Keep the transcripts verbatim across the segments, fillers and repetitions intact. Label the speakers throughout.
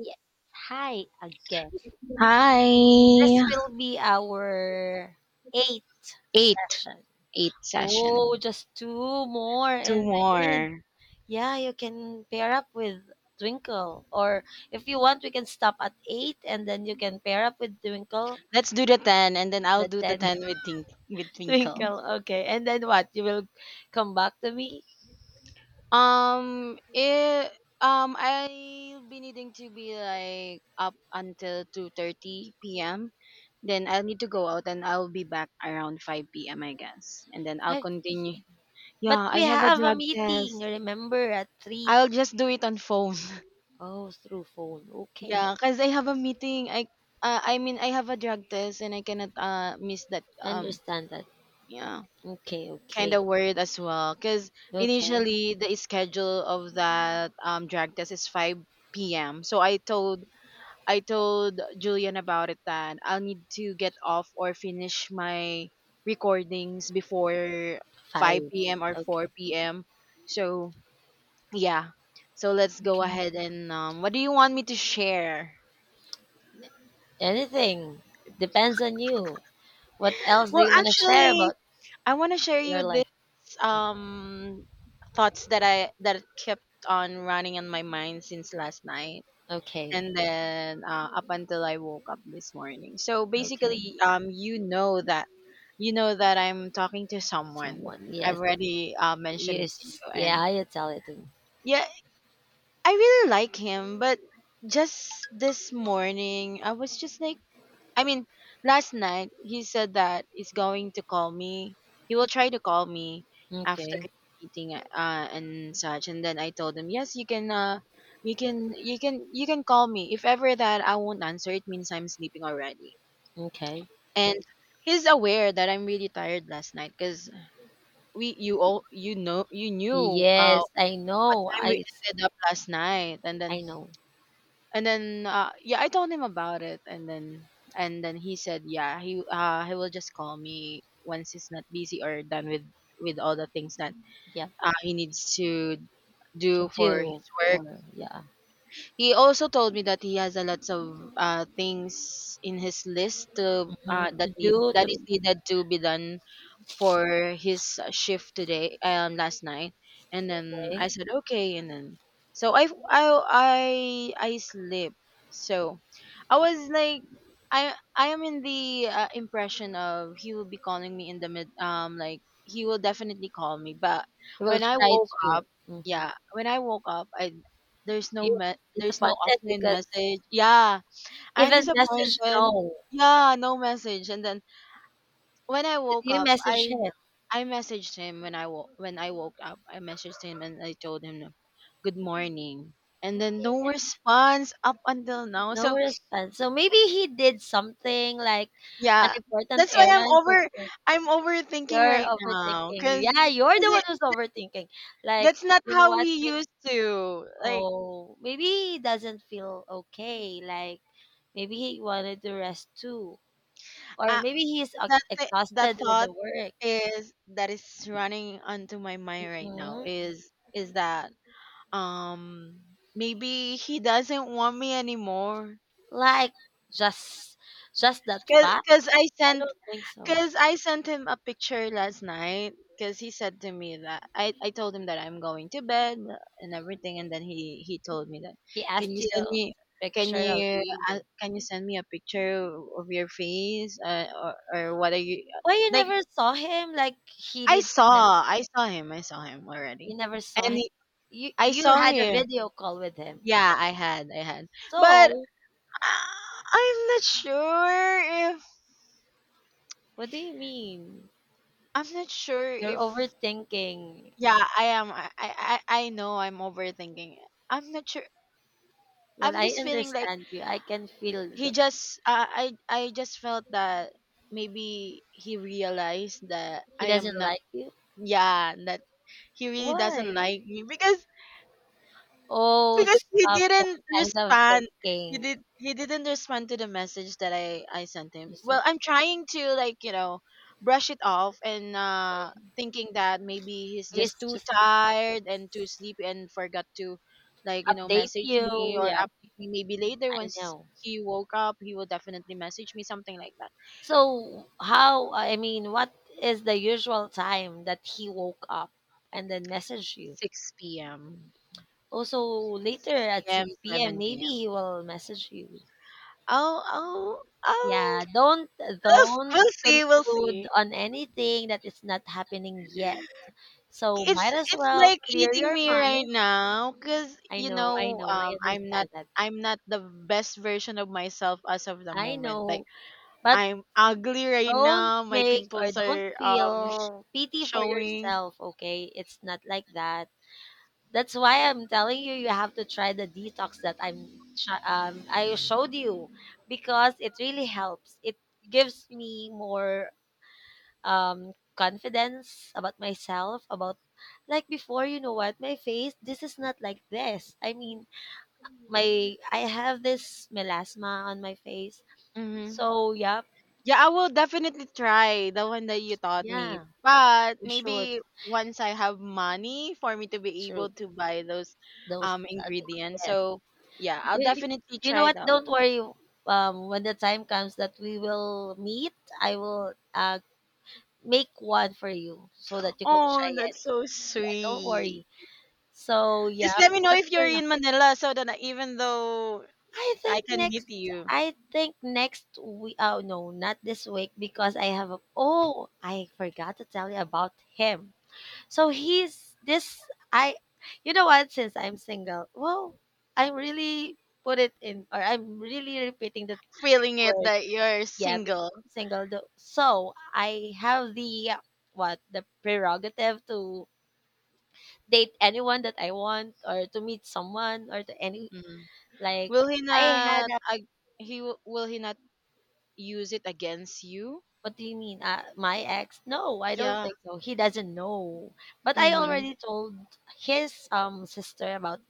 Speaker 1: Yes. Hi again.
Speaker 2: Hi.
Speaker 1: This will be our eighth
Speaker 2: Eight.
Speaker 1: session.
Speaker 2: Eight
Speaker 1: Oh,
Speaker 2: session.
Speaker 1: just two more
Speaker 2: Two
Speaker 1: and then
Speaker 2: more.
Speaker 1: yeah, you can pair up with Twinkle. Or if you want, we can stop at eight and then you can pair up with Twinkle.
Speaker 2: Let's do the ten and then I'll
Speaker 1: The
Speaker 2: do the
Speaker 1: ten
Speaker 2: ten with Tink with Twinkle.
Speaker 1: Twinkle. Okay. And then what? You will come back to me?
Speaker 2: Um it um I'll be needing to be like up until two thirty p m. Then I'll need to go out and I'll be back around five p m I guess. And then I'll
Speaker 1: I,
Speaker 2: continue.
Speaker 1: but
Speaker 2: Yeah,
Speaker 1: we
Speaker 2: I have a
Speaker 1: have a
Speaker 2: drug
Speaker 1: meeting,
Speaker 2: test.
Speaker 1: remember, at three.
Speaker 2: I'll just do it on phone.
Speaker 1: Oh, through phone. Okay.
Speaker 2: Yeah, cause I have a meeting. I uh, I mean, I have a drug test and I cannot uh miss that um
Speaker 1: Understand that.
Speaker 2: yeah,
Speaker 1: Okay,
Speaker 2: kind
Speaker 1: okay.
Speaker 2: of word as well. Cause
Speaker 1: Okay.
Speaker 2: initially the schedule of that um drug test is five p m. So I told I told Julian about it that I'll need to get off or finish my recordings before
Speaker 1: Five.
Speaker 2: five p m or
Speaker 1: Okay.
Speaker 2: four p m. So, yeah. So let's go
Speaker 1: Okay.
Speaker 2: ahead and um what do you want me to share?
Speaker 1: Anything. Depends on you. What else do
Speaker 2: Well,
Speaker 1: you want to share
Speaker 2: actually,
Speaker 1: about
Speaker 2: I want to share
Speaker 1: your
Speaker 2: you this
Speaker 1: life?
Speaker 2: um thoughts that I that kept on running in my mind since last night
Speaker 1: Okay.
Speaker 2: and then uh, up until I woke up this morning. So
Speaker 1: Okay.
Speaker 2: basically um you know that you know that I'm talking to someone.
Speaker 1: Someone.
Speaker 2: I've
Speaker 1: Yes.
Speaker 2: already uh, mentioned it to you
Speaker 1: Yes.
Speaker 2: and
Speaker 1: Yeah, you tell it to me.
Speaker 2: yeah, I really like him, but just this morning I was just like, I mean, last night he said that he's going to call me. He will try to call me after
Speaker 1: Okay.
Speaker 2: eating uh and such. And then I told him, yes, you can uh you can you can you can call me. If ever that I won't answer, it means I'm sleeping already.
Speaker 1: Okay.
Speaker 2: And he's aware that I'm really tired last night because we you all you know you knew uh
Speaker 1: Yes, I
Speaker 2: what
Speaker 1: know.
Speaker 2: time
Speaker 1: I,
Speaker 2: we
Speaker 1: I
Speaker 2: ended up last night, and then
Speaker 1: know.
Speaker 2: and then uh, yeah, I told him about it, and then and then he said yeah, he uh he will just call me once he's not busy or done with with all the things that
Speaker 1: Yeah.
Speaker 2: uh, he needs to
Speaker 1: To
Speaker 2: do for
Speaker 1: do
Speaker 2: his work.
Speaker 1: for yeah.
Speaker 2: He also told me that he has a lots of uh things in his list to
Speaker 1: Hmm.
Speaker 2: uh
Speaker 1: To
Speaker 2: that need
Speaker 1: do
Speaker 2: that
Speaker 1: to
Speaker 2: is needed to be done for his uh, shift today, um last night. And then I
Speaker 1: okay.
Speaker 2: said okay, and then so I I I I sleep. So I was like, I I am in the uh, impression of he will be calling me in the mid um like he will definitely call me. But
Speaker 1: We'll
Speaker 2: when I
Speaker 1: try
Speaker 2: woke up,
Speaker 1: to. Mm-hmm.
Speaker 2: yeah when I woke up I there's no
Speaker 1: You
Speaker 2: me- there's no
Speaker 1: disappointed
Speaker 2: offline
Speaker 1: because
Speaker 2: message, yeah. I'm
Speaker 1: even message
Speaker 2: disappointed,
Speaker 1: no.
Speaker 2: yeah. No message. And then when I
Speaker 1: Did
Speaker 2: woke
Speaker 1: you
Speaker 2: up,
Speaker 1: message
Speaker 2: I
Speaker 1: him?
Speaker 2: I messaged him when I woke when I woke up. I messaged him and I told him good morning. And then no response up until now.
Speaker 1: No
Speaker 2: So
Speaker 1: response. So maybe he did something like an
Speaker 2: yeah,
Speaker 1: important
Speaker 2: that's why I'm
Speaker 1: errand. That's
Speaker 2: over
Speaker 1: why
Speaker 2: I'm overthinking
Speaker 1: you're
Speaker 2: right
Speaker 1: overthinking.
Speaker 2: now, cuz
Speaker 1: Yeah, you're
Speaker 2: cuz
Speaker 1: the
Speaker 2: it
Speaker 1: one who's overthinking. Like,
Speaker 2: that's not
Speaker 1: you know
Speaker 2: how
Speaker 1: what?
Speaker 2: he
Speaker 1: Like,
Speaker 2: used to. Like,
Speaker 1: oh, maybe he doesn't feel okay. Like, maybe he wanted to rest too. Or
Speaker 2: uh,
Speaker 1: maybe he's uh,
Speaker 2: that thi- that
Speaker 1: exhausted with
Speaker 2: thought
Speaker 1: the work.
Speaker 2: is that is running onto my mind right now
Speaker 1: Mhm.
Speaker 2: is is that um maybe he doesn't want me anymore.
Speaker 1: Like, just just that
Speaker 2: Cause,
Speaker 1: fast?
Speaker 2: cause I
Speaker 1: I
Speaker 2: sent,
Speaker 1: don't think so.
Speaker 2: cause I sent him a picture last night. Cause he said to me that I, I told him that I'm going to bed uh, and everything, and then he he told me that,
Speaker 1: He
Speaker 2: can
Speaker 1: asked
Speaker 2: you
Speaker 1: you
Speaker 2: send
Speaker 1: a
Speaker 2: me, can
Speaker 1: picture of
Speaker 2: you uh,
Speaker 1: you.
Speaker 2: can you send me a picture of your face, uh, or or what are you
Speaker 1: Why you
Speaker 2: like?
Speaker 1: never saw him? Like, he
Speaker 2: I
Speaker 1: did
Speaker 2: saw, I saw him, I saw him already,
Speaker 1: you never saw
Speaker 2: and
Speaker 1: him.
Speaker 2: he,
Speaker 1: You
Speaker 2: I
Speaker 1: you
Speaker 2: saw
Speaker 1: had a
Speaker 2: him.
Speaker 1: video call with him.
Speaker 2: Yeah, I had, I had, but uh,
Speaker 1: So
Speaker 2: I'm not sure if
Speaker 1: what do you mean?
Speaker 2: I'm not sure
Speaker 1: You're
Speaker 2: if.
Speaker 1: overthinking.
Speaker 2: Yeah, I am. I, I, I I know I'm overthinking it. I'm not sure.
Speaker 1: Well,
Speaker 2: I'm
Speaker 1: I
Speaker 2: just feeling like
Speaker 1: understand you. I can feel
Speaker 2: he
Speaker 1: the,
Speaker 2: just, uh, I, I just felt that maybe he realized that
Speaker 1: he
Speaker 2: I am
Speaker 1: doesn't
Speaker 2: not,
Speaker 1: like you.
Speaker 2: yeah, that he really doesn't
Speaker 1: Why?
Speaker 2: like me because
Speaker 1: Oh,
Speaker 2: Because he
Speaker 1: stop that
Speaker 2: didn't
Speaker 1: kind of
Speaker 2: respond. He
Speaker 1: thinking.
Speaker 2: did he didn't respond to the message that I I sent him.
Speaker 1: Just,
Speaker 2: Well, I'm trying to, like, you know, brush it off and uh thinking that maybe he's
Speaker 1: it's
Speaker 2: just too
Speaker 1: just need
Speaker 2: tired and too sleepy and forgot to,
Speaker 1: to
Speaker 2: like, you know,
Speaker 1: update
Speaker 2: message me
Speaker 1: you.
Speaker 2: or
Speaker 1: Yep,
Speaker 2: update me maybe later
Speaker 1: I
Speaker 2: once
Speaker 1: know.
Speaker 2: he woke up, he will definitely message me something like that.
Speaker 1: So how? I mean, what is the usual time that he woke up and then messaged you?
Speaker 2: six p m
Speaker 1: Also, later
Speaker 2: 6
Speaker 1: at
Speaker 2: p.m.
Speaker 1: six p m,
Speaker 2: 7
Speaker 1: maybe
Speaker 2: p.m.
Speaker 1: he will message you.
Speaker 2: I'll I'll I'll
Speaker 1: Yeah, don't
Speaker 2: we'll,
Speaker 1: don't
Speaker 2: we'll see, we'll
Speaker 1: conclude
Speaker 2: see.
Speaker 1: on anything that is not happening yet. So
Speaker 2: It's
Speaker 1: might as
Speaker 2: it's
Speaker 1: well
Speaker 2: like
Speaker 1: clear
Speaker 2: eating
Speaker 1: your
Speaker 2: me right
Speaker 1: mind.
Speaker 2: now because
Speaker 1: I
Speaker 2: you
Speaker 1: know, I
Speaker 2: know
Speaker 1: know, I
Speaker 2: um I'm not
Speaker 1: understand that.
Speaker 2: I'm not the best version of myself as of the
Speaker 1: I
Speaker 2: moment. Like,
Speaker 1: know, but
Speaker 2: I'm ugly right
Speaker 1: don't
Speaker 2: now. My
Speaker 1: make or
Speaker 2: pimples
Speaker 1: don't
Speaker 2: are um sh-
Speaker 1: feel pity for
Speaker 2: showing.
Speaker 1: yourself, okay? It's not like that. That's why I'm telling you, you have to try the detox that I'm sh- um, I showed you because it really helps. It gives me more um, confidence about myself. About like before, you know what, my face. This is not like this. I mean, my I have this melasma on my face.
Speaker 2: Hmm.
Speaker 1: So yeah,
Speaker 2: Yeah, I will definitely try the one that you taught
Speaker 1: yeah,
Speaker 2: me. But
Speaker 1: you should
Speaker 2: maybe once I have money for me to be able
Speaker 1: shoot
Speaker 2: to buy those
Speaker 1: those.
Speaker 2: um ingredients. So yeah, I'll
Speaker 1: You,
Speaker 2: definitely
Speaker 1: you know
Speaker 2: try
Speaker 1: what?
Speaker 2: that
Speaker 1: Don't
Speaker 2: one.
Speaker 1: worry. Um, when the time comes that we will meet, I will uh, make one for you so that you can
Speaker 2: Oh,
Speaker 1: try it.
Speaker 2: that's so
Speaker 1: Yeah, don't
Speaker 2: sweet.
Speaker 1: worry. So
Speaker 2: Just
Speaker 1: yeah,
Speaker 2: let me know
Speaker 1: but
Speaker 2: if
Speaker 1: for
Speaker 2: you're
Speaker 1: now,
Speaker 2: in Manila so that I- even though
Speaker 1: I
Speaker 2: I
Speaker 1: think
Speaker 2: can
Speaker 1: next.
Speaker 2: meet you,
Speaker 1: I think next we. Oh no, not this week because I have. A, oh, I forgot to tell you about him. So he's this. I. You know what? Since I'm single, well, I'm really put it in, or I'm really repeating the
Speaker 2: feeling it
Speaker 1: word
Speaker 2: that you're
Speaker 1: yeah,
Speaker 2: single.
Speaker 1: become single. Though. So I have the what the prerogative to date anyone that I want, or to meet someone, or to any
Speaker 2: Mm.
Speaker 1: like
Speaker 2: Will he
Speaker 1: I had.
Speaker 2: not?
Speaker 1: A,
Speaker 2: ag he w- will he not use it against you?
Speaker 1: what do you mean? Uh, my ex? No, I don't
Speaker 2: Yeah.
Speaker 1: think so. He doesn't know. But I
Speaker 2: Mhm.
Speaker 1: already told his um sister about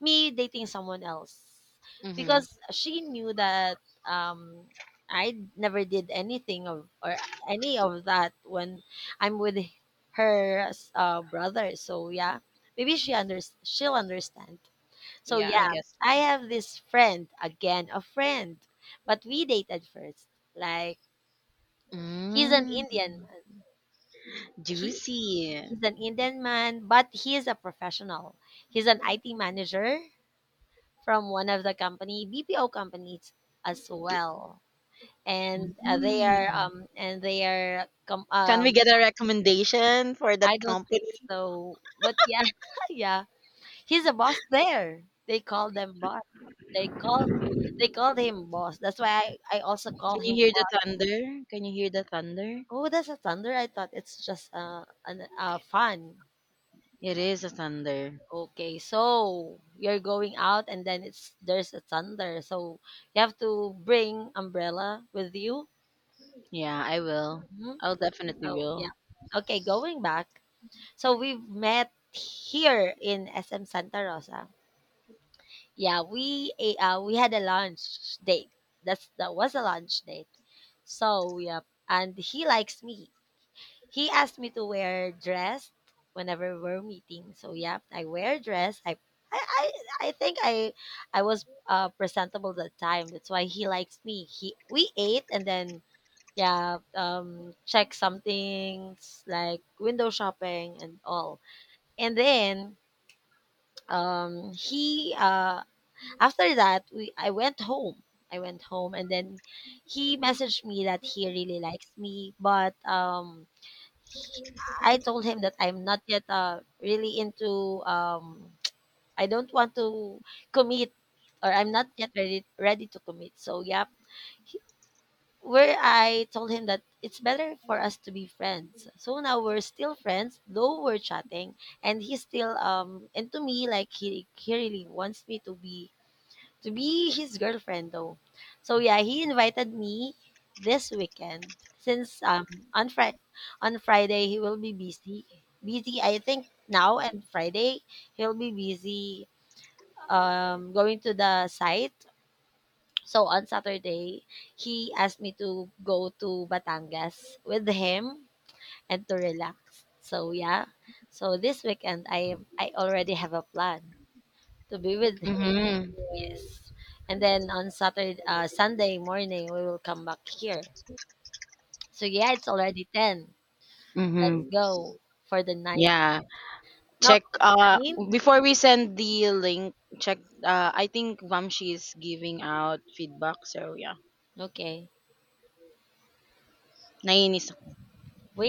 Speaker 1: me dating someone else.
Speaker 2: Mhm.
Speaker 1: Because she knew that um I never did anything of or any of that when I'm with her uh, brother. So yeah, maybe she under she'll understand. So
Speaker 2: Yeah, I
Speaker 1: yeah,
Speaker 2: guess so.
Speaker 1: I have this friend again, a friend, but we dated first. Like he's an
Speaker 2: Mm,
Speaker 1: Indian man. He
Speaker 2: juicy.
Speaker 1: he's an Indian man, but he is a professional. He's an I T manager from one of the company B P O companies as well, and uh, they are
Speaker 2: Mm.
Speaker 1: um and they are com-
Speaker 2: Can we
Speaker 1: um
Speaker 2: get a recommendation for that
Speaker 1: I don't think
Speaker 2: company?
Speaker 1: so, but yeah, yeah, he's a boss there. They call them boss. They call they called him boss. That's why I, I also call
Speaker 2: Can you
Speaker 1: him
Speaker 2: hear the
Speaker 1: boss.
Speaker 2: thunder? Can you hear the thunder?
Speaker 1: Oh, that's a thunder. I thought it's just uh an uh fun.
Speaker 2: It is a thunder.
Speaker 1: Okay, so you're going out and then it's there's a thunder. So you have to bring umbrella with you.
Speaker 2: Yeah, I will.
Speaker 1: Mm-hmm.
Speaker 2: I'll definitely
Speaker 1: So,
Speaker 2: will.
Speaker 1: yeah. Okay, going back. So we've met here in S M Santa Rosa. Yeah, we eh, uh, we had a lunch date. That's that was a lunch date. So, yeah, and he likes me. He asked me to wear dress whenever we're meeting. So, yeah, I wear dress. I I I, I think I I was uh, presentable that time. That's why he likes me. He we ate and then yeah, um, check some things like window shopping and all. And then um, he uh, after that we I went home. I went home and then he messaged me that he really likes me, but um, he- I told him that I'm not yet uh, really into. Um, I don't want to commit, or I'm not yet ready ready to commit. So yeah, where I told him that it's better for us to be friends. So now we're still friends, though we're chatting, and he's still um and to me like he he really wants me to be to be his girlfriend though. So yeah, he invited me this weekend since um on Fri on Friday he will be busy. Busy I think now and Friday he'll be busy um going to the site so on Saturday, he asked me to go to Batangas with him and to relax. So yeah. So this weekend I am I already have a plan to be with him.
Speaker 2: Mhm.
Speaker 1: Yes. And then on Saturday uh, Sunday morning we will come back here. So yeah, it's already ten. Let's
Speaker 2: Mm-hmm.
Speaker 1: go for the ninth.
Speaker 2: Yeah.
Speaker 1: Not
Speaker 2: Check uh
Speaker 1: nine.
Speaker 2: before we send the link, check uh I think Vamshi is giving out feedback, so yeah.
Speaker 1: Okay.
Speaker 2: Nainis